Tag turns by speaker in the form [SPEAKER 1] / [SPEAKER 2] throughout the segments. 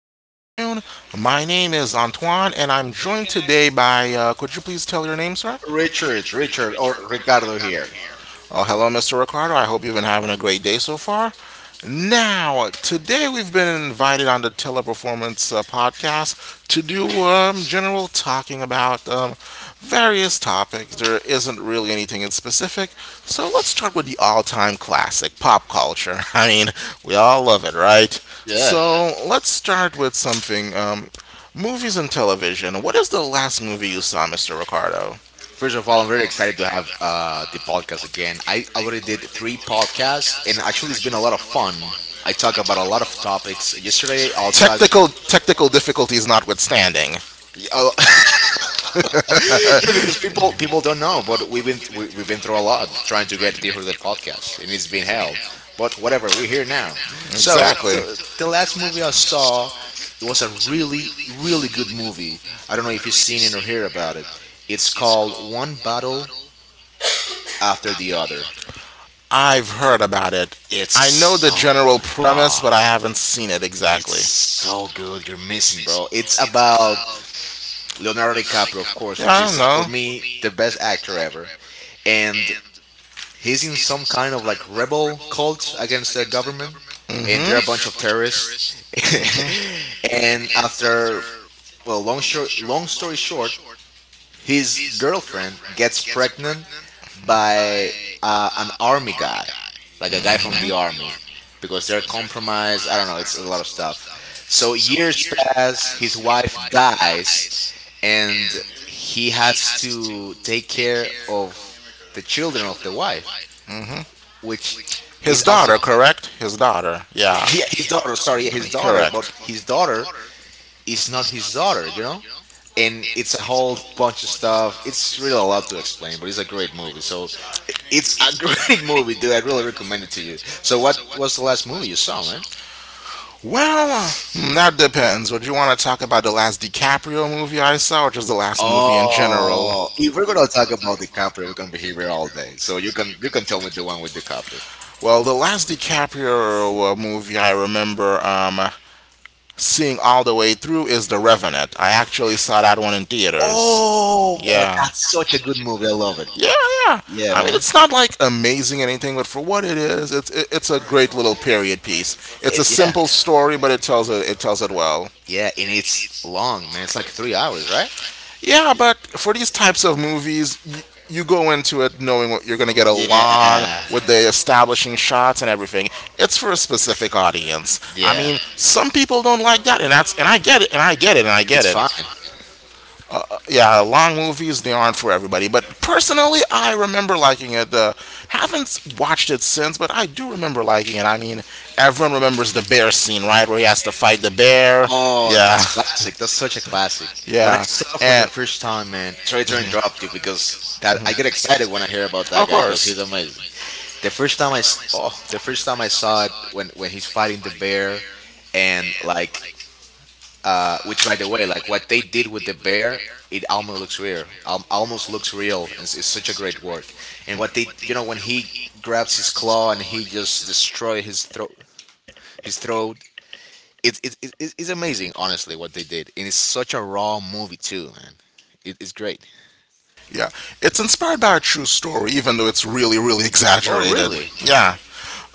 [SPEAKER 1] afternoon. My name is Antoine, and I'm joined today by. Could you please tell your name, sir?
[SPEAKER 2] Richard, or Ricardo here.
[SPEAKER 1] Oh, hello, Mr. Ricardo. I hope you've been having a great day so far. Now, today we've been invited on the Teleperformance podcast to do general talking about various topics. There isn't really anything in specific, so let's start with the all-time classic, pop culture. I mean, we all love it, right?
[SPEAKER 2] Yeah.
[SPEAKER 1] So let's start with something. Movies and television. What is the last movie you saw, Mr. Ricardo?
[SPEAKER 2] First of all, I'm very excited to have the podcast again. I already did three podcasts, and actually, it's been a lot of fun. I talk about a lot of topics. Yesterday, I'll talk.
[SPEAKER 1] Technical difficulties notwithstanding.
[SPEAKER 2] Yeah, because people don't know, but we've been through a lot trying to get clear the podcast, and it's been hell. But whatever, we're here now. So the last movie I saw, it was a really good movie. I don't know if you've seen it or heard about it. It's called One Battle After the Other.
[SPEAKER 1] I've heard about it. I
[SPEAKER 2] It's
[SPEAKER 1] know the
[SPEAKER 2] oh
[SPEAKER 1] general
[SPEAKER 2] my
[SPEAKER 1] premise,
[SPEAKER 2] god.
[SPEAKER 1] but I haven't seen it exactly.
[SPEAKER 2] It's so good. You're missing, bro. It's about Leonardo DiCaprio, of course, which
[SPEAKER 1] I
[SPEAKER 2] is
[SPEAKER 1] don't
[SPEAKER 2] for
[SPEAKER 1] know.
[SPEAKER 2] me the best actor ever. And he's in some kind of like rebel cult against the government,
[SPEAKER 1] Hmm.
[SPEAKER 2] and
[SPEAKER 1] And
[SPEAKER 2] they're a bunch of terrorists. And after well, long story short, his girlfriend gets pregnant by an army guy, like a guy from the army, because they're compromised. I don't know, it's a lot of stuff. So years pass, his wife dies, and he has to take care of the children of the wife,
[SPEAKER 1] hmm
[SPEAKER 2] which
[SPEAKER 1] His
[SPEAKER 2] is also
[SPEAKER 1] daughter, correct? His daughter. Yeah.
[SPEAKER 2] yeah, his
[SPEAKER 1] His.
[SPEAKER 2] daughter. Sorry, yeah, his daughter, but his daughter is not his daughter, you know. And it's a whole bunch of stuff. It's really a lot to explain, but it's a great movie. So it's a great movie, dude. I really recommend it to you. So what was the last movie you saw, man?
[SPEAKER 1] Well, that depends. Would you want to talk about the last DiCaprio movie I saw, or just the last movie in general?
[SPEAKER 2] Oh, if we're gonna talk about DiCaprio, we're gonna be here all day. So you can tell me the one with DiCaprio.
[SPEAKER 1] Well, the last DiCaprio movie I remember seeing all the way through is The Revenant. I actually saw that one in theaters.
[SPEAKER 2] Oh, oh,
[SPEAKER 1] Yeah.
[SPEAKER 2] that's such a good movie. I love it.
[SPEAKER 1] Yeah, yeah.
[SPEAKER 2] Yeah,
[SPEAKER 1] I mean,
[SPEAKER 2] man.
[SPEAKER 1] it's not like amazing or anything, but for what it is, it's a great little period piece. It's a
[SPEAKER 2] It, yeah,
[SPEAKER 1] simple story, but it tells it tells it well.
[SPEAKER 2] yeah, and it's long, man. It's like 3 hours, right?
[SPEAKER 1] Yeah, but for these types of movies, you go into it knowing what you're going to get along
[SPEAKER 2] Yeah,
[SPEAKER 1] with the establishing shots and everything. It's for a specific audience. I
[SPEAKER 2] yeah,
[SPEAKER 1] mean, some people don't like that, and that's and I get it, and I get it, and I get
[SPEAKER 2] it's
[SPEAKER 1] it.
[SPEAKER 2] fine.
[SPEAKER 1] Yeah, long movies they aren't for everybody. But personally, I remember liking it. Haven't watched it since, but I do remember liking it. I mean, everyone remembers the bear scene, right, where he has to fight the bear.
[SPEAKER 2] Oh,
[SPEAKER 1] Yeah,
[SPEAKER 2] that's classic. That's such a classic. When I
[SPEAKER 1] yeah,
[SPEAKER 2] saw it for the
[SPEAKER 1] and
[SPEAKER 2] first time, man, sorry to interrupt you because that I get excited when I hear about that
[SPEAKER 1] of
[SPEAKER 2] guy because he's
[SPEAKER 1] course.
[SPEAKER 2] amazing. The first time I s- Oh, the first time I saw it when he's fighting the bear, and like which by the way, like what they did with the bear. It almost looks real. Almost looks real. And it's such a great work. And what they, you know, when he grabs his claw and he just destroy his throat, his throat. It's amazing, honestly, what they did, and it's such a raw movie too, man. It's great.
[SPEAKER 1] Yeah, it's inspired by a true story, even though it's really, really
[SPEAKER 2] Oh,
[SPEAKER 1] exaggerated.
[SPEAKER 2] really?
[SPEAKER 1] Yeah.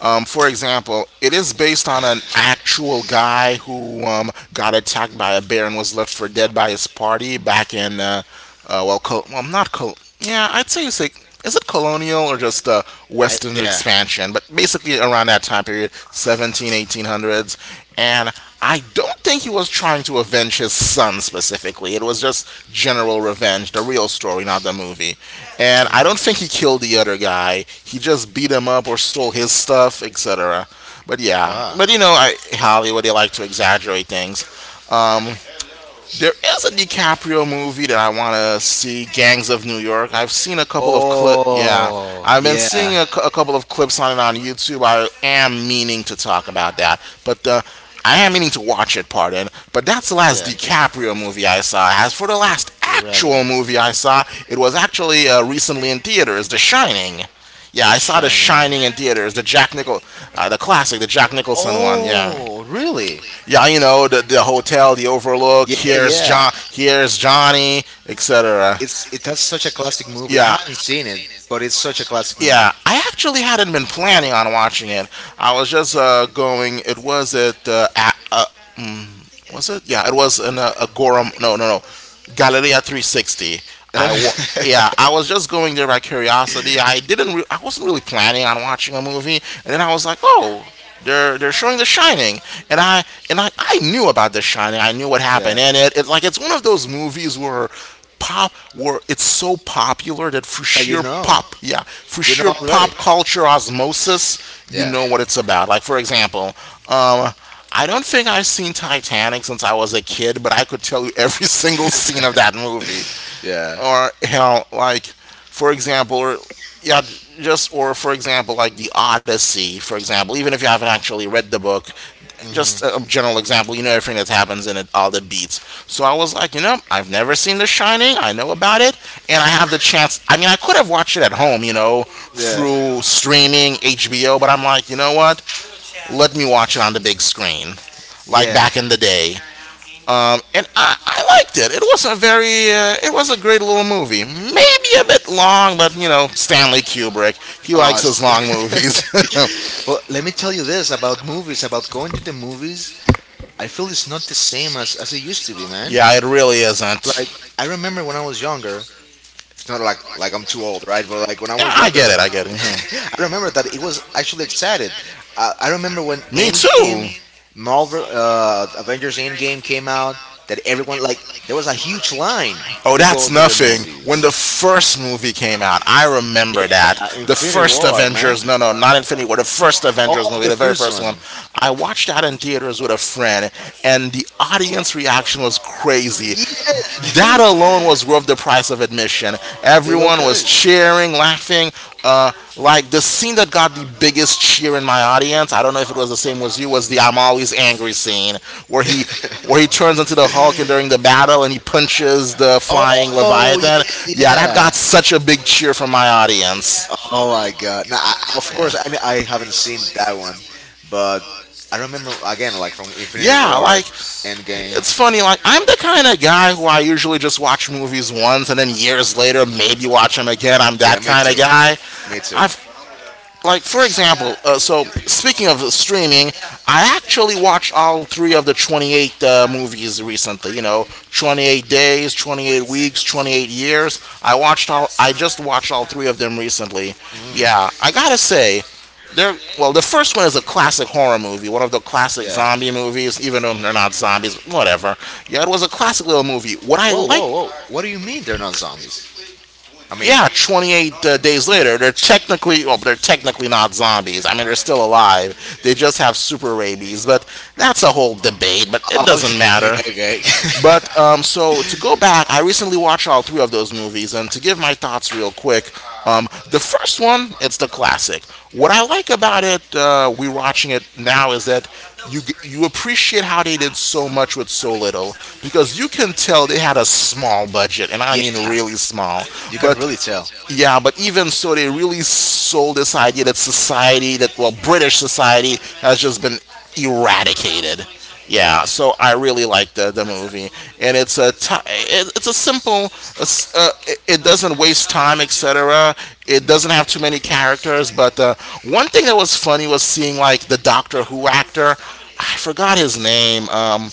[SPEAKER 1] For example, it is based on an actual guy who got attacked by a bear and was left for dead by his party back in, well, well, not col. Yeah, I'd say it's like, is it colonial or just
[SPEAKER 2] I
[SPEAKER 1] Western
[SPEAKER 2] yeah.
[SPEAKER 1] expansion? But basically around that time period, 17, 18 hundreds. And I don't think he was trying to avenge his son specifically. It was just general revenge, the real story, not the movie. And I don't think he killed the other guy. He just beat him up or stole his stuff, etc. But yeah,
[SPEAKER 2] Ah.
[SPEAKER 1] but Hollywood they like to exaggerate things. Um, there is a DiCaprio movie that I want to see, Gangs of New York. I've seen a couple of clip. Yeah,
[SPEAKER 2] Oh,
[SPEAKER 1] I've been
[SPEAKER 2] yeah,
[SPEAKER 1] seeing a couple of clips on it on YouTube. I am meaning to talk about that, but I am meaning to watch it. Pardon, but that's the last
[SPEAKER 2] yeah.
[SPEAKER 1] DiCaprio movie I saw. As for the last
[SPEAKER 2] The
[SPEAKER 1] actual
[SPEAKER 2] Revenant,
[SPEAKER 1] movie I saw, it was actually recently in theaters, The Shining. Yeah,
[SPEAKER 2] The
[SPEAKER 1] I saw The
[SPEAKER 2] Shining.
[SPEAKER 1] Shining in theaters, the classic, the Jack Nicholson one. Yeah,
[SPEAKER 2] Oh, really?
[SPEAKER 1] yeah, the hotel, the overlook,
[SPEAKER 2] Yeah, yeah.
[SPEAKER 1] Here's Johnny, etc.
[SPEAKER 2] It's it that's such a classic movie. I
[SPEAKER 1] Yeah.
[SPEAKER 2] haven't seen it, but it's such a classic movie.
[SPEAKER 1] Yeah, I actually hadn't been planning on watching it. I was just going. It was at a, was it? Yeah, it was in a Gorum. No, no, no. Galleria 360. I wa- yeah, I was just going there by curiosity. I didn't. I wasn't really planning on watching a movie, and then I was like, oh, they're showing The Shining, and I knew about The Shining. I knew what
[SPEAKER 2] yeah,
[SPEAKER 1] happened in it. It's like it's one of those movies where pop where it's so popular that for
[SPEAKER 2] that
[SPEAKER 1] sheer pop yeah, for
[SPEAKER 2] you know
[SPEAKER 1] sheer
[SPEAKER 2] already.
[SPEAKER 1] pop culture osmosis you
[SPEAKER 2] Yeah,
[SPEAKER 1] know what it's about, like, for example, um I don't think I've seen Titanic since I was a kid, but I could tell you every single scene of that movie.
[SPEAKER 2] yeah,
[SPEAKER 1] Or hell, like for example, or yeah, just or for example, like the Odyssey, for example. Even if you haven't actually read the book, just a general example, you know everything that happens in it, all the beats. So I was like, I've never seen The Shining. I know about it, and I have the chance. I mean, I could have watched it at home,
[SPEAKER 2] yeah,
[SPEAKER 1] through streaming HBO, but I'm like, you know what? Let me watch it on the big screen, like
[SPEAKER 2] yeah.
[SPEAKER 1] back in the day. And I liked it. It was a great little movie. Maybe a bit long, but Stanley Kubrick, he
[SPEAKER 2] Oh,
[SPEAKER 1] likes his long movies.
[SPEAKER 2] but let me tell you this about movies, about going to the movies. I feel it's not the same as it used to be, man.
[SPEAKER 1] Yeah, it really
[SPEAKER 2] Like
[SPEAKER 1] isn't.
[SPEAKER 2] I remember when I was younger. It's not like I'm too old, right? But like when I
[SPEAKER 1] Yeah,
[SPEAKER 2] was
[SPEAKER 1] I get
[SPEAKER 2] younger,
[SPEAKER 1] it. I get it. Mhm.
[SPEAKER 2] I remember that it was actually excited. I remember when
[SPEAKER 1] Me too.
[SPEAKER 2] Endgame, Marvel, Avengers Endgame came out. That everyone like there was a huge line
[SPEAKER 1] Oh,
[SPEAKER 2] to
[SPEAKER 1] that's
[SPEAKER 2] go to the
[SPEAKER 1] nothing. When the
[SPEAKER 2] movies.
[SPEAKER 1] first movie came out, I remember that. The
[SPEAKER 2] Infinity
[SPEAKER 1] first
[SPEAKER 2] War, man.
[SPEAKER 1] Avengers, no, no, not Infinity War, the first
[SPEAKER 2] All
[SPEAKER 1] Avengers
[SPEAKER 2] of
[SPEAKER 1] movie,
[SPEAKER 2] the
[SPEAKER 1] the very
[SPEAKER 2] first
[SPEAKER 1] first one.
[SPEAKER 2] one.
[SPEAKER 1] I watched that in theaters with a friend, and the audience reaction was crazy. That
[SPEAKER 2] Yes.
[SPEAKER 1] alone was worth the price of admission.
[SPEAKER 2] They go
[SPEAKER 1] Everyone was
[SPEAKER 2] crazy.
[SPEAKER 1] cheering, laughing. Uh, like the scene that got the biggest cheer in my audience, I don't know if it was the same as you, was the I'm always angry scene where he where he turns into the Hulk and during the battle and he punches the flying
[SPEAKER 2] Oh
[SPEAKER 1] Leviathan. Yeah, that
[SPEAKER 2] yeah.
[SPEAKER 1] got such a big cheer from my audience.
[SPEAKER 2] Oh my god. Now, I, of
[SPEAKER 1] Yeah.
[SPEAKER 2] course, I haven't seen that one, but I remember again, like from Infinity
[SPEAKER 1] Yeah,
[SPEAKER 2] War,
[SPEAKER 1] like
[SPEAKER 2] Endgame.
[SPEAKER 1] it's funny. Like I'm the kind of guy who I usually just watch movies once and then years later maybe watch them again. I'm
[SPEAKER 2] Yeah,
[SPEAKER 1] that
[SPEAKER 2] me
[SPEAKER 1] kind of
[SPEAKER 2] too.
[SPEAKER 1] guy.
[SPEAKER 2] Me too.
[SPEAKER 1] I've Like for example, so speaking of streaming, I actually watched all three of the 28 movies recently, 28 days, 28 weeks, 28 years. I just watched all three of them recently. Yeah, I gotta say, they're well, the first one is a classic horror movie, one of the classic
[SPEAKER 2] Yeah.
[SPEAKER 1] zombie movies, even though they're not zombies, whatever. Yeah, it was a classic little movie. What I
[SPEAKER 2] Whoa,
[SPEAKER 1] like.
[SPEAKER 2] whoa, whoa. What do you mean they're not zombies? I mean,
[SPEAKER 1] Yeah, 28 days later, they're technically not zombies. I mean, they're still alive. They just have super rabies, but that's a whole debate. But it
[SPEAKER 2] okay,
[SPEAKER 1] doesn't matter.
[SPEAKER 2] okay, okay.
[SPEAKER 1] But so to go back, I recently watched all three of those movies, and to give my thoughts real quick, the first one, it's the classic. What I like about it, we're watching it now, is that you appreciate how they did so much with so little, because you can tell they had a small budget, and I
[SPEAKER 2] yeah,
[SPEAKER 1] mean really small,
[SPEAKER 2] you can
[SPEAKER 1] but
[SPEAKER 2] really tell.
[SPEAKER 1] yeah, but even so, they really sold this idea that society, that, well, British society, has just been eradicated.
[SPEAKER 2] Yeah.
[SPEAKER 1] Yeah, so I really like the movie, and it's a simple. It doesn't waste time, etc. It doesn't have too many characters, but one thing that was funny was seeing like the Doctor Who actor. I forgot his name.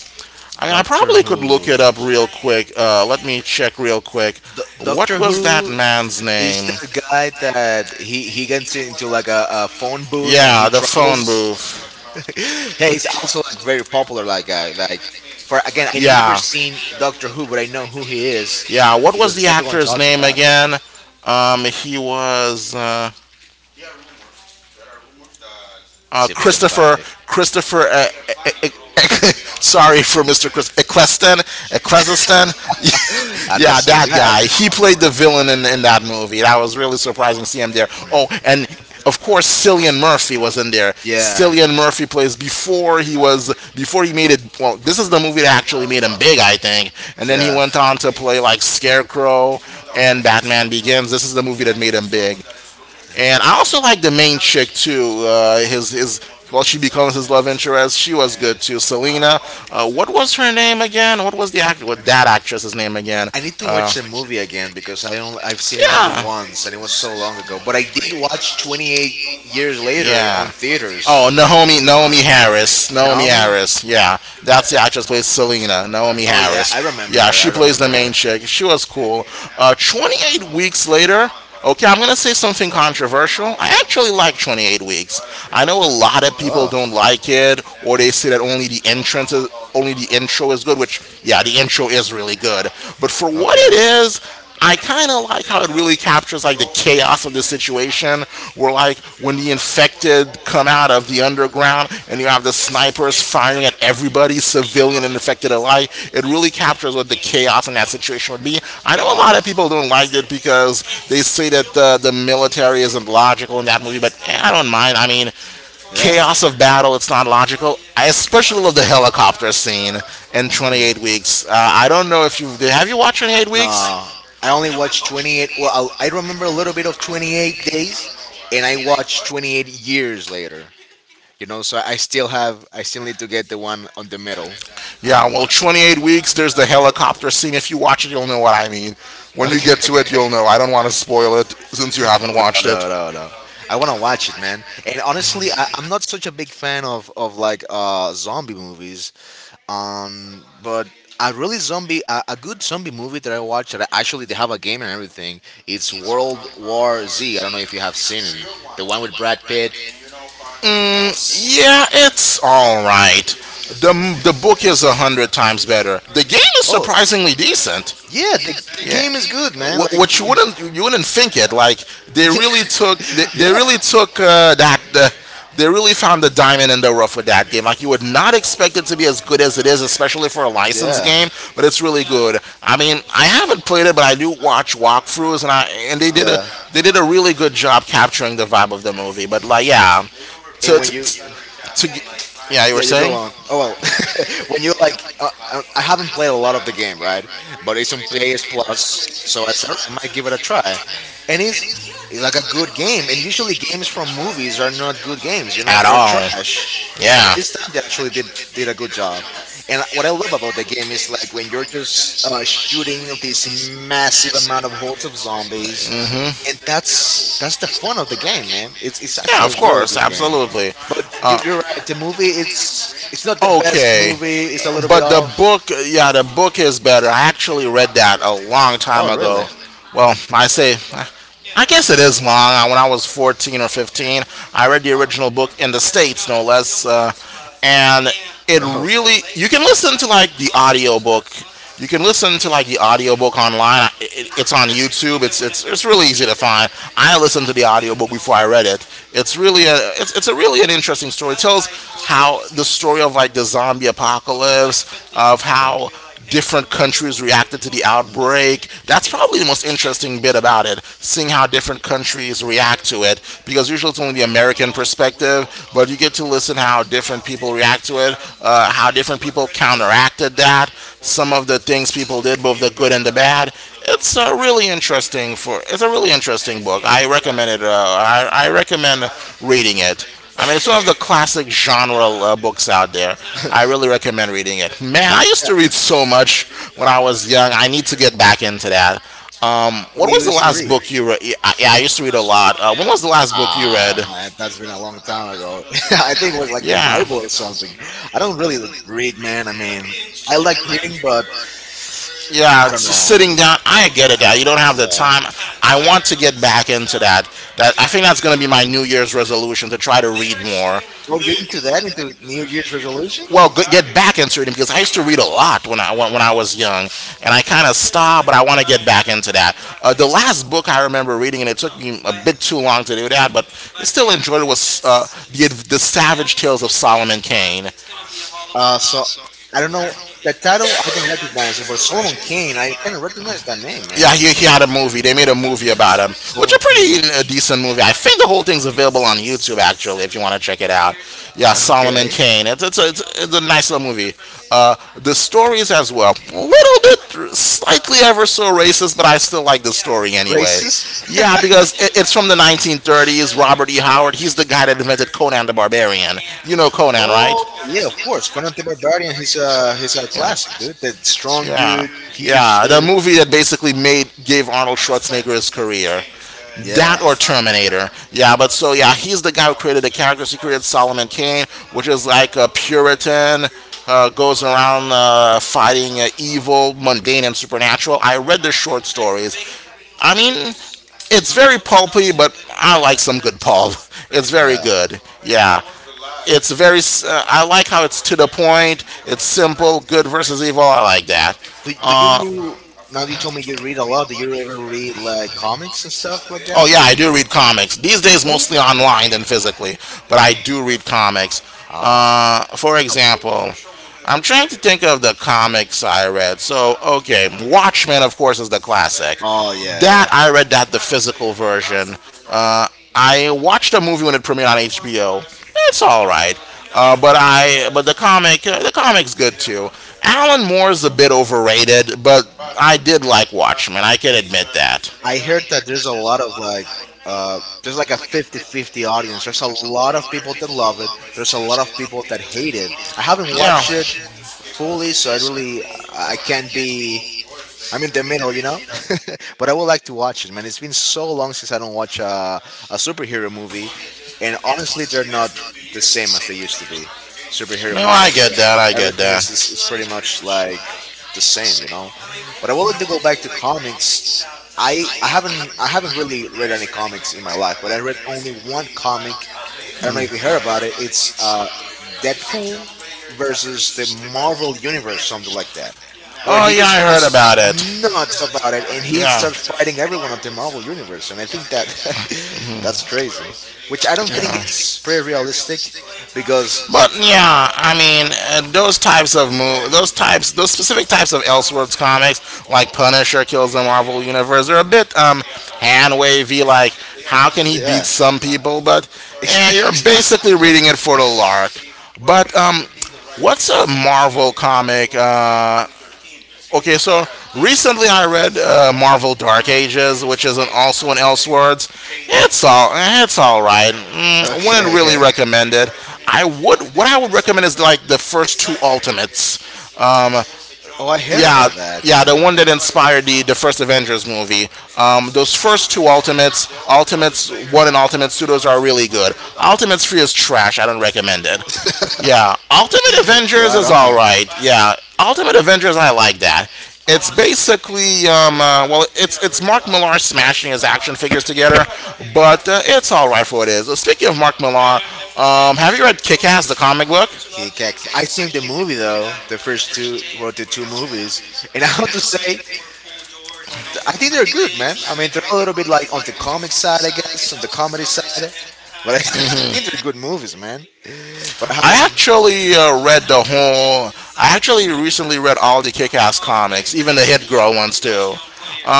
[SPEAKER 1] I mean, I
[SPEAKER 2] Doctor
[SPEAKER 1] probably could look it
[SPEAKER 2] Who.
[SPEAKER 1] up real quick. Let me check real quick.
[SPEAKER 2] Doctor
[SPEAKER 1] What was that
[SPEAKER 2] Who
[SPEAKER 1] man's
[SPEAKER 2] is
[SPEAKER 1] name?
[SPEAKER 2] the guy that he gets into like a phone booth and he
[SPEAKER 1] Yeah, the
[SPEAKER 2] travels.
[SPEAKER 1] phone booth.
[SPEAKER 2] Hey, he's also like very popular. Like guy, like for again, I never
[SPEAKER 1] Yeah,
[SPEAKER 2] seen Doctor Who, but I know who he is
[SPEAKER 1] yeah. What was
[SPEAKER 2] because
[SPEAKER 1] the
[SPEAKER 2] everyone
[SPEAKER 1] actor's
[SPEAKER 2] talks
[SPEAKER 1] name
[SPEAKER 2] about it.
[SPEAKER 1] again? He was.
[SPEAKER 2] Let's
[SPEAKER 1] Uh,
[SPEAKER 2] see if you can find
[SPEAKER 1] Christopher
[SPEAKER 2] it.
[SPEAKER 1] Christopher. Sorry for Mr. Chris Eccleston.
[SPEAKER 2] I'm not
[SPEAKER 1] Yeah,
[SPEAKER 2] saying
[SPEAKER 1] that
[SPEAKER 2] that.
[SPEAKER 1] guy. He played the villain in that movie. That was really surprising to see him there.
[SPEAKER 2] Mm.
[SPEAKER 1] Oh, and of course Cillian Murphy was in there.
[SPEAKER 2] Yeah,
[SPEAKER 1] Cillian Murphy plays before he was before he made it. Well, this is the movie that actually made him big, I think. And then he
[SPEAKER 2] yeah.
[SPEAKER 1] went on to play like Scarecrow and Batman Begins. This is the movie that made him big. And I also like the main chick too. His Well, she becomes his love interest. She was good too. Selena. What was her name again? What was the act? What that actress's name again?
[SPEAKER 2] I need to
[SPEAKER 1] Uh,
[SPEAKER 2] watch the movie again because I've seen it only
[SPEAKER 1] yeah,
[SPEAKER 2] once and it was so long ago. But I did watch 28 years later on
[SPEAKER 1] yeah. Oh,
[SPEAKER 2] theaters.
[SPEAKER 1] Naomi Harris. Naomi
[SPEAKER 2] Naomi?
[SPEAKER 1] Harris. Yeah, that's the actress who plays Selena. Naomi
[SPEAKER 2] Oh yeah,
[SPEAKER 1] Harris. Yeah,
[SPEAKER 2] I
[SPEAKER 1] she plays the
[SPEAKER 2] remember her.
[SPEAKER 1] main chick. She was cool. 28 weeks later. Okay, I'm gonna say something controversial. I actually like 28 weeks. I know a lot of people
[SPEAKER 2] Oh,
[SPEAKER 1] don't like it, or they say that only the intro is good. Which, yeah, the intro is really good. But for what it
[SPEAKER 2] okay.
[SPEAKER 1] is, I kind of like how it really captures like the chaos of the situation, where like when the infected come out of the underground and you have the snipers firing at everybody, civilian and infected alike. It really captures what the chaos in that situation would be. I know a
[SPEAKER 2] Wow.
[SPEAKER 1] lot of people don't like it because they say that the military isn't logical in that movie, but I don't mind. I mean,
[SPEAKER 2] Yeah.
[SPEAKER 1] chaos of battle. It's not logical. I especially love the helicopter scene in 28 Weeks. I don't know if you watched 28
[SPEAKER 2] No,
[SPEAKER 1] Weeks.
[SPEAKER 2] I only watched 28. Well, I remember a little bit of 28 days, and I watched 28 years later. You know, so I still have. I still need to get the one on the middle.
[SPEAKER 1] Yeah, well, 28 weeks, there's the helicopter scene. If you watch it, you'll know what I mean. When you
[SPEAKER 2] Okay,
[SPEAKER 1] get to it,
[SPEAKER 2] okay.
[SPEAKER 1] you'll know. I don't want to spoil it since you haven't watched it.
[SPEAKER 2] No, no, no. I want to watch it, man. And honestly, I'm not such a big fan of like zombie movies. But a really zombie, a good zombie movie that I watched that actually they have a game and everything. It's World War Z. I don't know if you have seen it. The one with Brad Pitt.
[SPEAKER 1] Mm, yeah, it's all right. The book is a hundred times better. The game is
[SPEAKER 2] Oh,
[SPEAKER 1] surprisingly decent.
[SPEAKER 2] yeah, the
[SPEAKER 1] Yeah.
[SPEAKER 2] game is good, man.
[SPEAKER 1] What,
[SPEAKER 2] Like,
[SPEAKER 1] what you wouldn't you wouldn't think it like they
[SPEAKER 2] yeah,
[SPEAKER 1] really took that they really found the diamond in the rough with that game. Like you would not expect it to be as good as it is, especially for a licensed
[SPEAKER 2] yeah,
[SPEAKER 1] game, but it's really good. I mean, I haven't played it, but I do watch walkthroughs, and
[SPEAKER 2] yeah.
[SPEAKER 1] they did a really good job capturing the vibe of the movie. But like, yeah,
[SPEAKER 2] And
[SPEAKER 1] to
[SPEAKER 2] when
[SPEAKER 1] to,
[SPEAKER 2] you
[SPEAKER 1] to, to yeah, you
[SPEAKER 2] yeah,
[SPEAKER 1] were
[SPEAKER 2] you go
[SPEAKER 1] saying
[SPEAKER 2] on. Oh well, when you like, I haven't played a lot of the game, right? But it's on PS Plus, so I said I might give it a try, and it's like a good game. And usually, games from movies are not good games. You know,
[SPEAKER 1] at
[SPEAKER 2] they're
[SPEAKER 1] all?
[SPEAKER 2] trash. And
[SPEAKER 1] Yeah.
[SPEAKER 2] this time they actually did a good job. And what I love about the game is like when you're just shooting this massive amount of hordes of zombies,
[SPEAKER 1] Hmm.
[SPEAKER 2] and that's the fun of the game, man. It's
[SPEAKER 1] Yeah,
[SPEAKER 2] actually a
[SPEAKER 1] of
[SPEAKER 2] really
[SPEAKER 1] course,
[SPEAKER 2] good game,
[SPEAKER 1] absolutely.
[SPEAKER 2] but you're right. The movie it's not the best
[SPEAKER 1] Okay.
[SPEAKER 2] movie. It's a little bit
[SPEAKER 1] But the book,
[SPEAKER 2] off.
[SPEAKER 1] yeah, the book is better. I actually read that a long time
[SPEAKER 2] Oh, really?
[SPEAKER 1] ago. Well, I say I guess it is long. When I was 14 or 15, I read the original book in the States, no less. And
[SPEAKER 2] Oh,
[SPEAKER 1] you can listen to like the audiobook. You can listen to like the audiobook online. It's on YouTube. It's really easy to find. I listened to the audiobook before I read it. It's a really an interesting story. It tells how the story of like the zombie apocalypse, of
[SPEAKER 2] okay. Yeah.
[SPEAKER 1] how different countries reacted to the outbreak. That's probably the most interesting bit about it, seeing how different countries react to it. Because usually it's only the American perspective, but you get to listen how different people react to it, how different people counteracted that, some of the things people did, both the good and the bad. It's a really interesting for. It's a really interesting book. I recommend it. I recommend reading it. I mean, it's one of the classic genre books out there. I really recommend reading it. Man, I used to read so much when I was young. I need to get back into that. Um,
[SPEAKER 2] What
[SPEAKER 1] what
[SPEAKER 2] do you
[SPEAKER 1] was the
[SPEAKER 2] used to
[SPEAKER 1] last
[SPEAKER 2] read?
[SPEAKER 1] book you read? Yeah, I used to read a lot. When was the last book you
[SPEAKER 2] Ah,
[SPEAKER 1] read?
[SPEAKER 2] man, that's been a long time ago. I think it was like the
[SPEAKER 1] Yeah,
[SPEAKER 2] Bible or something. I don't really read, man. I mean, I like reading, but
[SPEAKER 1] yeah.
[SPEAKER 2] I don't
[SPEAKER 1] It's just
[SPEAKER 2] know.
[SPEAKER 1] sitting down. I get it. That you don't have the
[SPEAKER 2] Yeah.
[SPEAKER 1] time. I want to get back into that. I think that's going to be my New Year's resolution to try to read more.
[SPEAKER 2] Well, you into that? Into New Year's resolution?
[SPEAKER 1] Well, get back into reading because I used to read a lot when I was young, and I kind of stopped, but I want to get back into that. The last book I remember reading, and it took me a bit too long to do that, but I still enjoyed it. Was the Savage Tales of Solomon Kane?
[SPEAKER 2] So I don't know the title. I don't recognize it, but Solomon Kane. I kind of recognize that name, man.
[SPEAKER 1] Yeah, he had a movie. They made a movie about him, which a
[SPEAKER 2] Solomon
[SPEAKER 1] pretty
[SPEAKER 2] Kane.
[SPEAKER 1] decent movie. I think the whole thing's available on YouTube actually, if you want to check it out. Yeah, Solomon
[SPEAKER 2] Okay.
[SPEAKER 1] Kane. It's a nice little movie. Uh, the stories as well, little bit slightly ever so racist, but I still like the story anyway.
[SPEAKER 2] Racist.
[SPEAKER 1] Yeah, because it's from the 1930s. Robert E. Howard. He's the guy that invented Conan the Barbarian. You know Conan, right?
[SPEAKER 2] Oh yeah, of course. Conan the Barbarian. He's a
[SPEAKER 1] Yeah.
[SPEAKER 2] classic dude. That strong
[SPEAKER 1] Yeah.
[SPEAKER 2] dude, huge
[SPEAKER 1] Yeah. The
[SPEAKER 2] dude.
[SPEAKER 1] movie that basically made gave Arnold Schwarzenegger his career.
[SPEAKER 2] Yeah,
[SPEAKER 1] That or Terminator. Yeah, but so yeah, he's the guy who created the characters. He created Solomon Kane, which is like a Puritan, goes around fighting evil, mundane, and supernatural. I read the short stories. I mean, it's very pulpy, but I like some good pulp. It's very
[SPEAKER 2] yeah.
[SPEAKER 1] good. Yeah. I like how it's to the point. It's simple. Good versus evil. I like that.
[SPEAKER 2] Do
[SPEAKER 1] Uh,
[SPEAKER 2] you now? You told me you read a lot. Do you ever read like comics and stuff like that?
[SPEAKER 1] Oh yeah, I do read comics. These days,
[SPEAKER 2] Really?
[SPEAKER 1] mostly online than physically, but I do read comics.
[SPEAKER 2] Oh,
[SPEAKER 1] For example, I'm trying to think of the comics I read. So okay, Watchmen, of course, is the classic.
[SPEAKER 2] oh yeah, yeah.
[SPEAKER 1] That I read that the physical version. Uh, I watched a movie when it premiered on HBO. It's all right, but the comic the comic's good too. Alan Moore's a bit overrated, but I did like Watchmen. I can admit that
[SPEAKER 2] I heard that there's a lot of like, there's like a 50-50
[SPEAKER 1] 50-50.
[SPEAKER 2] audience. There's a lot of people that love it. There's a lot of people that hate it. I haven't watched it fully, so I really I can't be I'm in the middle, you know. But I would like to watch it, man. It's been so long since I don't watch a superhero movie, and honestly, they're not the same as they used to be. Superhero
[SPEAKER 1] No,
[SPEAKER 2] movies
[SPEAKER 1] I
[SPEAKER 2] and
[SPEAKER 1] get
[SPEAKER 2] stuff.
[SPEAKER 1] that. I get
[SPEAKER 2] Everything
[SPEAKER 1] that.
[SPEAKER 2] is pretty much like the same, you know. But I would like to go back to comics. I haven't really read any comics in my life, but I read only one comic. I don't know if you heard about it. It's Deadpool versus the Marvel Universe, something like that, where
[SPEAKER 1] Oh
[SPEAKER 2] he
[SPEAKER 1] yeah, I
[SPEAKER 2] just
[SPEAKER 1] heard
[SPEAKER 2] goes
[SPEAKER 1] about it.
[SPEAKER 2] nuts about it and he
[SPEAKER 1] Yeah,
[SPEAKER 2] starts fighting everyone at the Marvel Universe. And I think that that's crazy, which I don't think
[SPEAKER 1] yeah.
[SPEAKER 2] it's pretty realistic because,
[SPEAKER 1] But yeah, I mean, those specific types of Elseworlds comics, like Punisher kills the Marvel Universe, are a bit hand wavy. Like, how can he beat
[SPEAKER 2] yeah,
[SPEAKER 1] some people? But yeah, you're basically
[SPEAKER 2] like,
[SPEAKER 1] reading it for the lark. But what's a Marvel comic? Okay, so recently I read Marvel Dark Ages, which is also an Elseworlds. It's all right. I
[SPEAKER 2] okay,
[SPEAKER 1] wouldn't really
[SPEAKER 2] okay.
[SPEAKER 1] recommend it. I would what I would recommend is like the first two Ultimates. Um,
[SPEAKER 2] Oh, I heard
[SPEAKER 1] yeah,
[SPEAKER 2] about that,
[SPEAKER 1] yeah,
[SPEAKER 2] kind
[SPEAKER 1] the
[SPEAKER 2] of.
[SPEAKER 1] one that inspired the first Avengers movie. Those first two Ultimates, Ultimates One and Ultimate Two, are really good. Ultimates Three is trash. I don't recommend it. Yeah, Ultimate Avengers
[SPEAKER 2] Right
[SPEAKER 1] is all
[SPEAKER 2] on.
[SPEAKER 1] right. Yeah, Ultimate Avengers, I like that. It's basically well, it's Mark Millar smashing his action figures together, but it's all right for what it is. So speaking of Mark Millar, have you read Kick-Ass, the comic book?
[SPEAKER 2] He kicks. I seen the movie though, the first two, well, the two movies, and I have to say, I think they're good, man. I mean, they're a little bit like on the comic side, I guess, on the comedy side. But I think they're good movies, man. But I
[SPEAKER 1] I
[SPEAKER 2] haven't.
[SPEAKER 1] actually read the whole. I actually recently read all the Kick-Ass comics, even the Hit Girl ones too.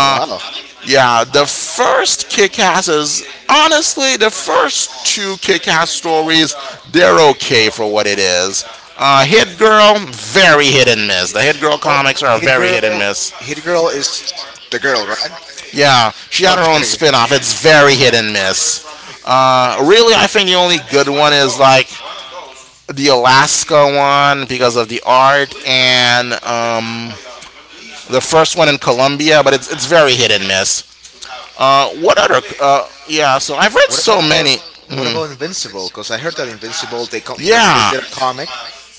[SPEAKER 2] Wow.
[SPEAKER 1] Yeah, the first Kick-Ass is honestly the first two Kick-Ass stories. They're okay for what it is. Hit Girl, very hit and miss. The Hit Girl
[SPEAKER 2] Oh,
[SPEAKER 1] comics are
[SPEAKER 2] Hit
[SPEAKER 1] very hit and
[SPEAKER 2] Girl.
[SPEAKER 1] miss.
[SPEAKER 2] Hit Girl is the girl, right?
[SPEAKER 1] Yeah, she had her own
[SPEAKER 2] Okay, okay.
[SPEAKER 1] spin-off. It's very hit and miss. Really, I think the only good one is like the Alaska one because of the art, and the first one in Colombia, but it's very hit and miss. What other? Yeah, so I've read
[SPEAKER 2] What
[SPEAKER 1] so
[SPEAKER 2] about
[SPEAKER 1] many.
[SPEAKER 2] what
[SPEAKER 1] Mhm.
[SPEAKER 2] about Invincible? Because I heard that Invincible they first
[SPEAKER 1] Yeah,
[SPEAKER 2] did a comic,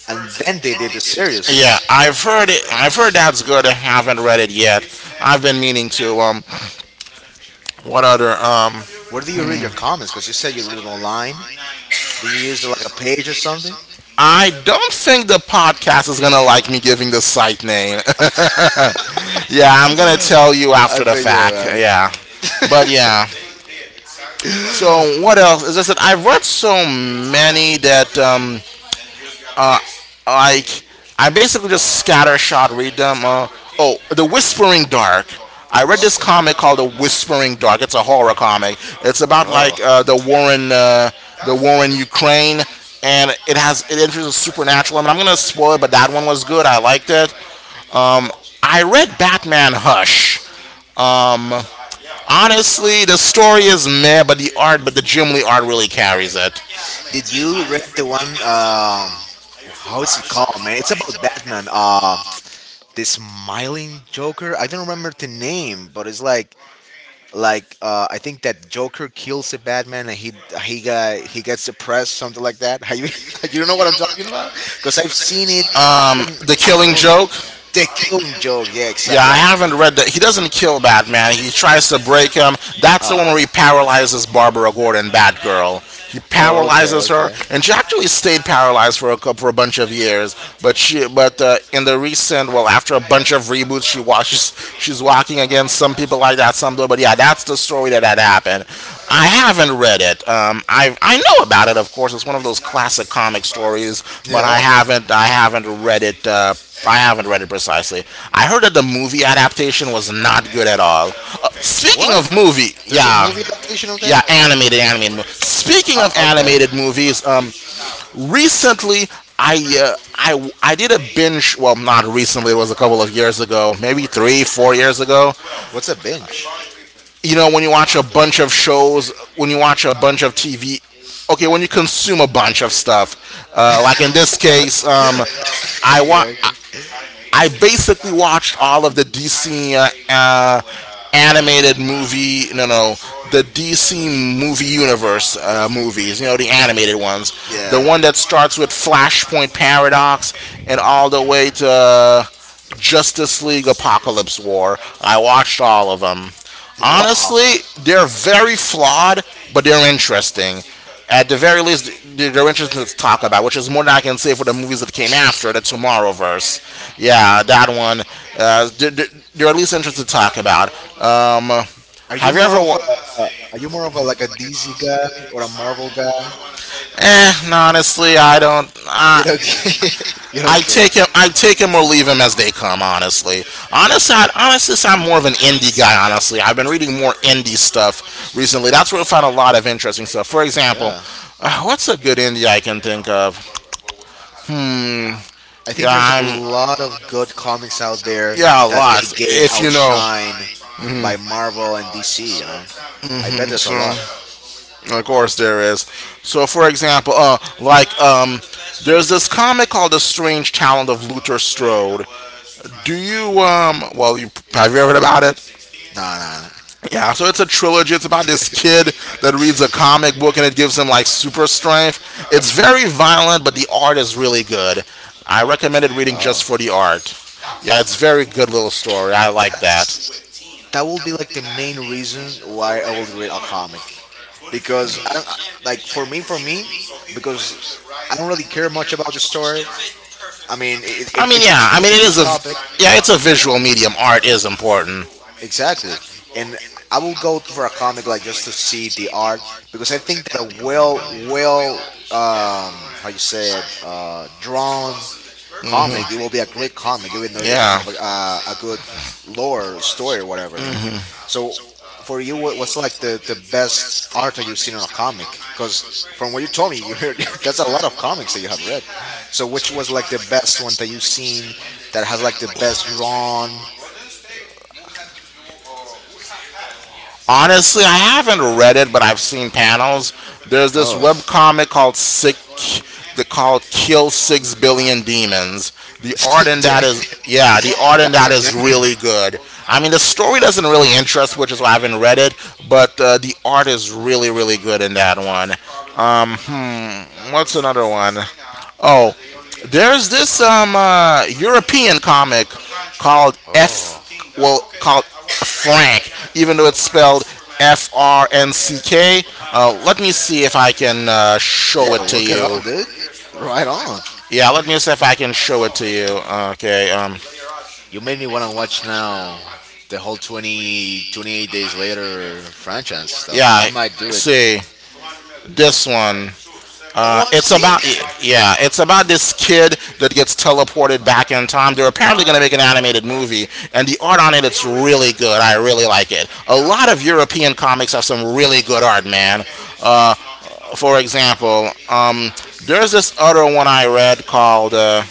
[SPEAKER 2] and then they did the series.
[SPEAKER 1] yeah, I've heard it. I've heard that's good. I haven't read it yet. I've been meaning to. What other?
[SPEAKER 2] Where do you read your comics? Because you said you read it online. Do you use like a page or something?
[SPEAKER 1] I don't think the podcast is gonna like me giving the site name. Yeah, I'm gonna tell you
[SPEAKER 2] I
[SPEAKER 1] after the
[SPEAKER 2] think you're
[SPEAKER 1] fact.
[SPEAKER 2] right.
[SPEAKER 1] Yeah, but yeah. So what else? As I said, I've read so many that like I basically just scatter shot read them. Oh, the Whispering Dark. I
[SPEAKER 2] The
[SPEAKER 1] read this
[SPEAKER 2] Whispering.
[SPEAKER 1] comic called The Whispering Dark. It's a horror comic. It's about
[SPEAKER 2] Oh,
[SPEAKER 1] like the war in Ukraine, and it introduces supernatural. I mean, I'm gonna spoil it, but that one was good. I liked it. Um, I read Batman Hush. Um, honestly, the story is meh, but the Jim Lee art really carries it.
[SPEAKER 2] did you read the one? How is it called, man? It's about Batman. The smiling Joker. I don't remember the name, but it's like I think that Joker kills the Batman and he gets depressed, something like that. Have you you don't know what I'm talking about? Because I've seen it.
[SPEAKER 1] Um, the
[SPEAKER 2] I
[SPEAKER 1] Killing
[SPEAKER 2] haven't.
[SPEAKER 1] Joke.
[SPEAKER 2] The killing joke. Yeah,
[SPEAKER 1] Yeah,
[SPEAKER 2] exactly.
[SPEAKER 1] I haven't read that. He doesn't kill Batman. He tries to break him. That's the
[SPEAKER 2] Uh,
[SPEAKER 1] one where he paralyzes Barbara Gordon, Batgirl. He
[SPEAKER 2] oh, okay,
[SPEAKER 1] paralyzes her,
[SPEAKER 2] okay.
[SPEAKER 1] and she actually stayed paralyzed for for a bunch of years. But in the recent, well, after a bunch of reboots, she's walking again. Some people like that, some don't. But yeah, that's the story that had happened. I haven't read it. I know about it, of course. It's one of those classic comic stories, but I
[SPEAKER 2] Yeah.
[SPEAKER 1] haven't I haven't read it. I haven't read it precisely. I heard that the movie adaptation was not good at all. Speaking
[SPEAKER 2] What?
[SPEAKER 1] of movie,
[SPEAKER 2] There's a
[SPEAKER 1] yeah,
[SPEAKER 2] movie adaptation of
[SPEAKER 1] yeah,
[SPEAKER 2] that?
[SPEAKER 1] animated. Speaking
[SPEAKER 2] Uh,
[SPEAKER 1] of
[SPEAKER 2] okay.
[SPEAKER 1] animated movies, recently I did a binge. Well, not recently. It was a couple of years ago, maybe 3, 4 years ago,
[SPEAKER 2] What's a bench?
[SPEAKER 1] you know, when you watch a bunch of shows when you watch a bunch of TV, okay, when you consume a bunch of stuff like in this case, i wa-
[SPEAKER 2] yeah, okay.
[SPEAKER 1] I- I basically watched all of the DC animated movie. No, no, the DC movie universe movies, you know, the animated ones. The
[SPEAKER 2] Yeah.
[SPEAKER 1] one that starts with Flashpoint Paradox and all the way to Justice League Apocalypse War. I watched all of them.
[SPEAKER 2] Wow.
[SPEAKER 1] Honestly, they're very flawed, but they're interesting. At the very least, they're interesting to talk about, which is more than I can say for the movies that came after the Tomorrowverse. Yeah, that one. They're at least interesting to talk about. Um,
[SPEAKER 2] Are you
[SPEAKER 1] have you
[SPEAKER 2] more
[SPEAKER 1] ever?
[SPEAKER 2] of a uh, are you more of a like a DC guy or a Marvel guy?
[SPEAKER 1] No, honestly, I don't.
[SPEAKER 2] You
[SPEAKER 1] I
[SPEAKER 2] don't care. You don't
[SPEAKER 1] I
[SPEAKER 2] care.
[SPEAKER 1] take him. I take him or leave him as they come. Honestly, I'm more of an indie guy. Honestly, I've been reading more indie stuff recently. That's where I found a lot of interesting stuff. For example,
[SPEAKER 2] Yeah.
[SPEAKER 1] what's a good indie I can think of? Hmm.
[SPEAKER 2] I
[SPEAKER 1] Yeah,
[SPEAKER 2] think there's a
[SPEAKER 1] I'm.
[SPEAKER 2] lot of good comics out there
[SPEAKER 1] Yeah, a
[SPEAKER 2] that they
[SPEAKER 1] lot.
[SPEAKER 2] get
[SPEAKER 1] If you know.
[SPEAKER 2] outshine
[SPEAKER 1] hmm
[SPEAKER 2] by Marvel and DC, you know. I bet there's a lot.
[SPEAKER 1] So, of course, there is. So, for example, there's this comic called The Strange Talent of Luther Strode. Do you um? Well, you have you ever heard about it?
[SPEAKER 2] Nah, nah, nah.
[SPEAKER 1] Yeah. So it's a trilogy. It's about this kid that reads a comic book and it gives him like super strength. It's very violent, but the art is really good. I recommended reading just for the art. Yeah, it's very good little story. I like that.
[SPEAKER 2] That's- That will be like the main reason why I will read a comic, because I don't like for me, because I don't really care much about the story. I mean,
[SPEAKER 1] I mean,
[SPEAKER 2] if it's
[SPEAKER 1] yeah.
[SPEAKER 2] an
[SPEAKER 1] I mean, it
[SPEAKER 2] interesting
[SPEAKER 1] is a
[SPEAKER 2] topic,
[SPEAKER 1] yeah. It's a visual medium. Art is important.
[SPEAKER 2] exactly. And I will go for a comic like just to see the art because I think that a how you say it drawn comic, it will be a great comic even though it doesn't
[SPEAKER 1] Yeah.
[SPEAKER 2] have a good lore or story or whatever man. So for you what's like the best art that you've seen on a comic because from what you told me you heard that's a lot of comics that you have read. So which was like the best one that you've seen that has like the best drawn.
[SPEAKER 1] Honestly, I haven't read it, but I've seen panels. There's this
[SPEAKER 2] Oh.
[SPEAKER 1] webcomic called Sick that called Kill 6 Billion Demons. The art in that
[SPEAKER 2] Dang,
[SPEAKER 1] is yeah, the art in
[SPEAKER 2] that's
[SPEAKER 1] that
[SPEAKER 2] a
[SPEAKER 1] is
[SPEAKER 2] name.
[SPEAKER 1] really good. I mean, the story doesn't really interest, which is why I haven't read it. But the art is really, really good in that one. What's another one? Oh, there's this European comic called F
[SPEAKER 2] Oh,
[SPEAKER 1] well called Frank, even though it's spelled FRNCK. Let me see if I can
[SPEAKER 2] yeah,
[SPEAKER 1] show it to
[SPEAKER 2] look it
[SPEAKER 1] you.
[SPEAKER 2] up, dude. Right on.
[SPEAKER 1] Yeah, let me see if I can show it to you. Okay.
[SPEAKER 2] You made me want to watch now the whole 20 28 days later franchise stuff. I
[SPEAKER 1] Yeah.
[SPEAKER 2] might do it.
[SPEAKER 1] See this one. Uh,
[SPEAKER 2] Oh, I've
[SPEAKER 1] it's about
[SPEAKER 2] seen
[SPEAKER 1] yeah, it's about this kid that gets teleported back in time. They're apparently going to make an animated movie, and the art on it it's really good. I really like it. A lot of European comics have some really good art, man. Uh, for example, um, there's this other one I read called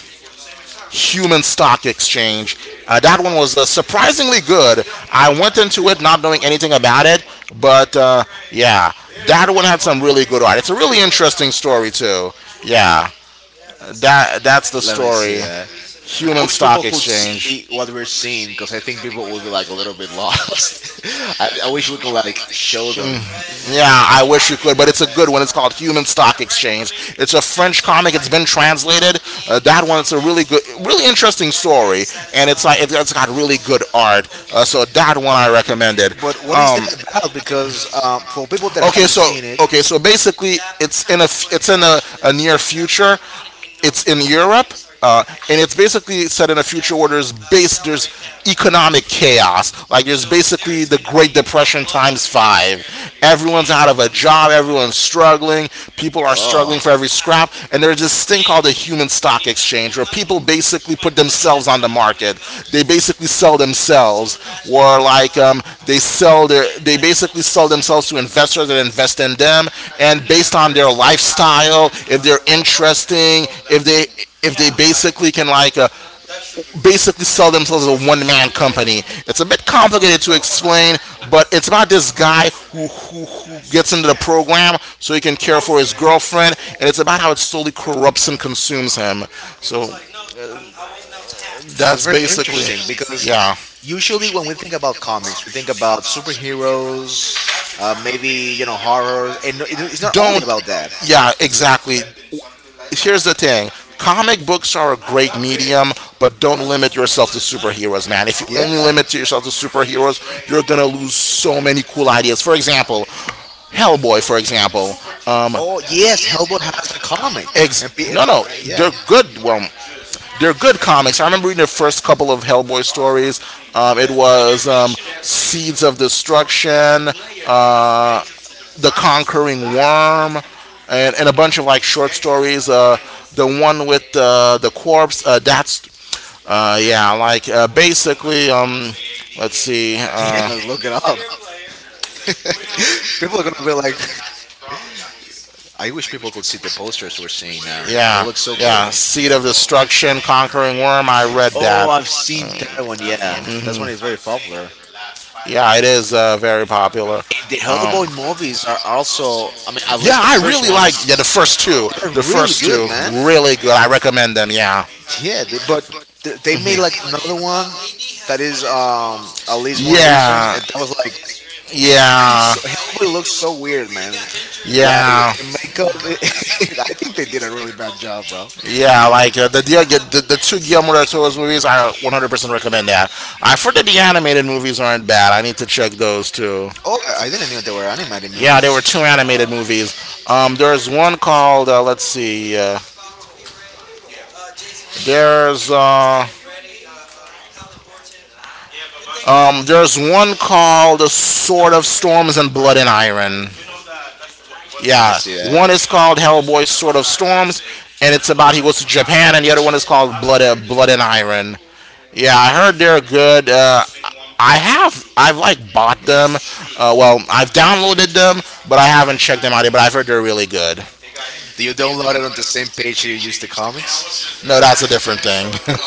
[SPEAKER 1] Human Stock Exchange. That one was surprisingly good. I went into it not knowing anything about it, but yeah, that one had some really good art. It's a really interesting story too. Yeah, that's the
[SPEAKER 2] that. Let me see
[SPEAKER 1] story.
[SPEAKER 2] that. I
[SPEAKER 1] Human
[SPEAKER 2] wish people
[SPEAKER 1] Stock
[SPEAKER 2] could see
[SPEAKER 1] Exchange.
[SPEAKER 2] what we're seeing because I think people will be like a little bit lost. I wish we could like show them.
[SPEAKER 1] Yeah, I wish you could, but it's a good one. It's called Human Stock Exchange. It's a French comic. It's been translated. That one, it's a really good, really interesting story, and it's like it's got really good art. So that one I recommended.
[SPEAKER 2] But what is
[SPEAKER 1] Um,
[SPEAKER 2] that about? Because for people that
[SPEAKER 1] Okay,
[SPEAKER 2] haven't
[SPEAKER 1] so
[SPEAKER 2] seen it,
[SPEAKER 1] okay, so basically, it's in a a near future. It's in Europe, uh, and it's basically set in a future where there's economic chaos. Like there's basically the Great Depression times five. Everyone's out of a job. Everyone's struggling. People are
[SPEAKER 2] oh,
[SPEAKER 1] struggling for every scrap crap. And there's this thing called the human stock exchange where people basically put themselves on the market. They basically sell themselves, or they basically sell themselves to investors that invest in them. And based on their lifestyle, if they're interesting, if they basically can basically sell themselves as a one man company. It's a bit complicated to explain, but it's about this guy who gets into the program so he can care for his girlfriend, and it's about how it slowly corrupts and consumes him. So
[SPEAKER 2] that's
[SPEAKER 1] that's
[SPEAKER 2] very
[SPEAKER 1] basically,
[SPEAKER 2] interesting because
[SPEAKER 1] yeah.
[SPEAKER 2] usually when we think about comics, we think about superheroes, maybe you know horrors, and it's not only
[SPEAKER 1] Don't,
[SPEAKER 2] about that.
[SPEAKER 1] yeah, exactly. Here's the thing, comic books are a great medium, but don't limit yourself to superheroes, man. If you
[SPEAKER 2] Yeah.
[SPEAKER 1] only limit yourself to superheroes you're gonna lose so many cool ideas. For example, Hellboy, for example. Um
[SPEAKER 2] Oh yes, Hellboy has a comic, and
[SPEAKER 1] ex- no no
[SPEAKER 2] Yeah,
[SPEAKER 1] They're good. Well, they're good comics. I remember reading the first couple of Hellboy stories. It was Seeds of Destruction, uh, the Conquering Worm, and a bunch of like short stories. The one with the corpse, that's, yeah, like basically, let's see,
[SPEAKER 2] yeah. Look it up. People are gonna be like, I wish people could see the posters we're seeing now. They
[SPEAKER 1] Yeah,
[SPEAKER 2] look so cool.
[SPEAKER 1] yeah, Seed of Destruction, Conquering Worm, I read that.
[SPEAKER 2] Oh, I've seen that one. Yeah, that's one is
[SPEAKER 1] Hmm.
[SPEAKER 2] very popular.
[SPEAKER 1] Yeah, it is very popular.
[SPEAKER 2] The
[SPEAKER 1] Um,
[SPEAKER 2] Hellboy movies are also, I mean, at
[SPEAKER 1] yeah,
[SPEAKER 2] least the
[SPEAKER 1] I
[SPEAKER 2] first
[SPEAKER 1] really like
[SPEAKER 2] ones,
[SPEAKER 1] yeah the first two.
[SPEAKER 2] they're
[SPEAKER 1] The
[SPEAKER 2] really
[SPEAKER 1] first
[SPEAKER 2] good,
[SPEAKER 1] two
[SPEAKER 2] man.
[SPEAKER 1] really good. I recommend them. Yeah,
[SPEAKER 2] Yeah, they made like another one that is at least more recent,
[SPEAKER 1] yeah,
[SPEAKER 2] and that was like
[SPEAKER 1] yeah,
[SPEAKER 2] Hellboy looked so weird, man. Like
[SPEAKER 1] yeah.
[SPEAKER 2] the makeup, I think they did a really bad job, bro.
[SPEAKER 1] Yeah, like the two Guillermo del Toro's movies, I 100% recommend that. I forget the animated movies aren't bad. I need to check those too.
[SPEAKER 2] Oh, I didn't know there were animated
[SPEAKER 1] Yeah, there were
[SPEAKER 2] movies.
[SPEAKER 1] two animated movies. There's one called let's see, there's There's one called The Sword of Storms and Blood and Iron.
[SPEAKER 2] Let me
[SPEAKER 1] Yeah,
[SPEAKER 2] see.
[SPEAKER 1] one is called Hellboy Sword of Storms, and it's about he goes to Japan, and the other one is called Blood and Iron. Yeah, I heard they're good. I've like bought them. I've downloaded them, but I haven't checked them out yet. But I've heard they're really good.
[SPEAKER 2] Do you download it on the same page you use the comics?
[SPEAKER 1] No, that's a different thing.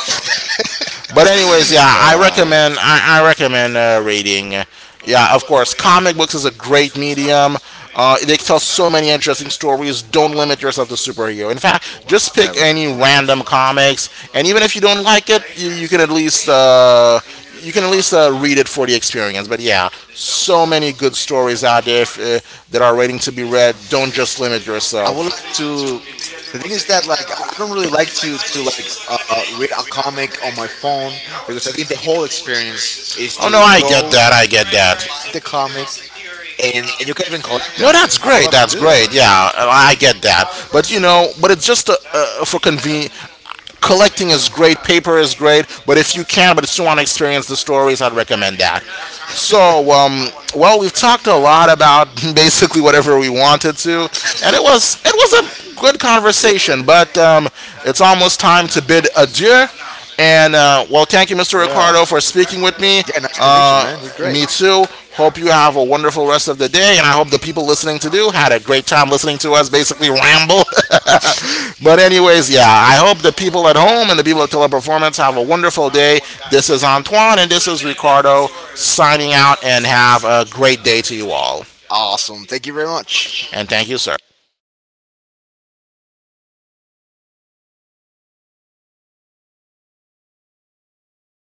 [SPEAKER 1] But anyways, yeah,
[SPEAKER 2] Uh,
[SPEAKER 1] I recommend reading. Yeah, of course, comic books is a great medium. They tell so many interesting stories. Don't limit yourself to superhero. In fact, just pick
[SPEAKER 2] never.
[SPEAKER 1] any random comics, and even if you don't like it, you can at least you can at least read it for the experience. But yeah, so many good stories out there if, that are waiting to be read. Don't just limit
[SPEAKER 2] I would
[SPEAKER 1] yourself.
[SPEAKER 2] like to. The thing is that like I don't really like to like read a comic on my phone because I think the whole experience is
[SPEAKER 1] Oh no,
[SPEAKER 2] to
[SPEAKER 1] I get
[SPEAKER 2] go
[SPEAKER 1] that. I get that.
[SPEAKER 2] the comic, and you can even collect
[SPEAKER 1] No,
[SPEAKER 2] them.
[SPEAKER 1] that's
[SPEAKER 2] I would
[SPEAKER 1] great.
[SPEAKER 2] love to
[SPEAKER 1] That's
[SPEAKER 2] do that.
[SPEAKER 1] great. Yeah, I get that. But you know, but it's just for conven. Collecting is great. Paper is great. But if you can, but still want to experience the stories, I'd recommend that. So, well, we've talked a lot about basically whatever we wanted to, and it was a good
[SPEAKER 2] Yeah,
[SPEAKER 1] conversation. But it's almost time to bid adieu. And well, thank you, Mr.
[SPEAKER 2] yeah.
[SPEAKER 1] Ricardo, for speaking with me.
[SPEAKER 2] Yeah, nice to meet you,
[SPEAKER 1] Uh,
[SPEAKER 2] man. You're great.
[SPEAKER 1] Me too. Hope you have a wonderful rest of the day, and I hope the people listening to do had a great time listening to us basically ramble. But anyways, yeah, I hope the people at home and the people at Teleperformance have a wonderful day. This is Antoine and this is Ricardo signing out, and have a great day to you all.
[SPEAKER 2] Awesome. Thank you very much.
[SPEAKER 1] And thank you, sir.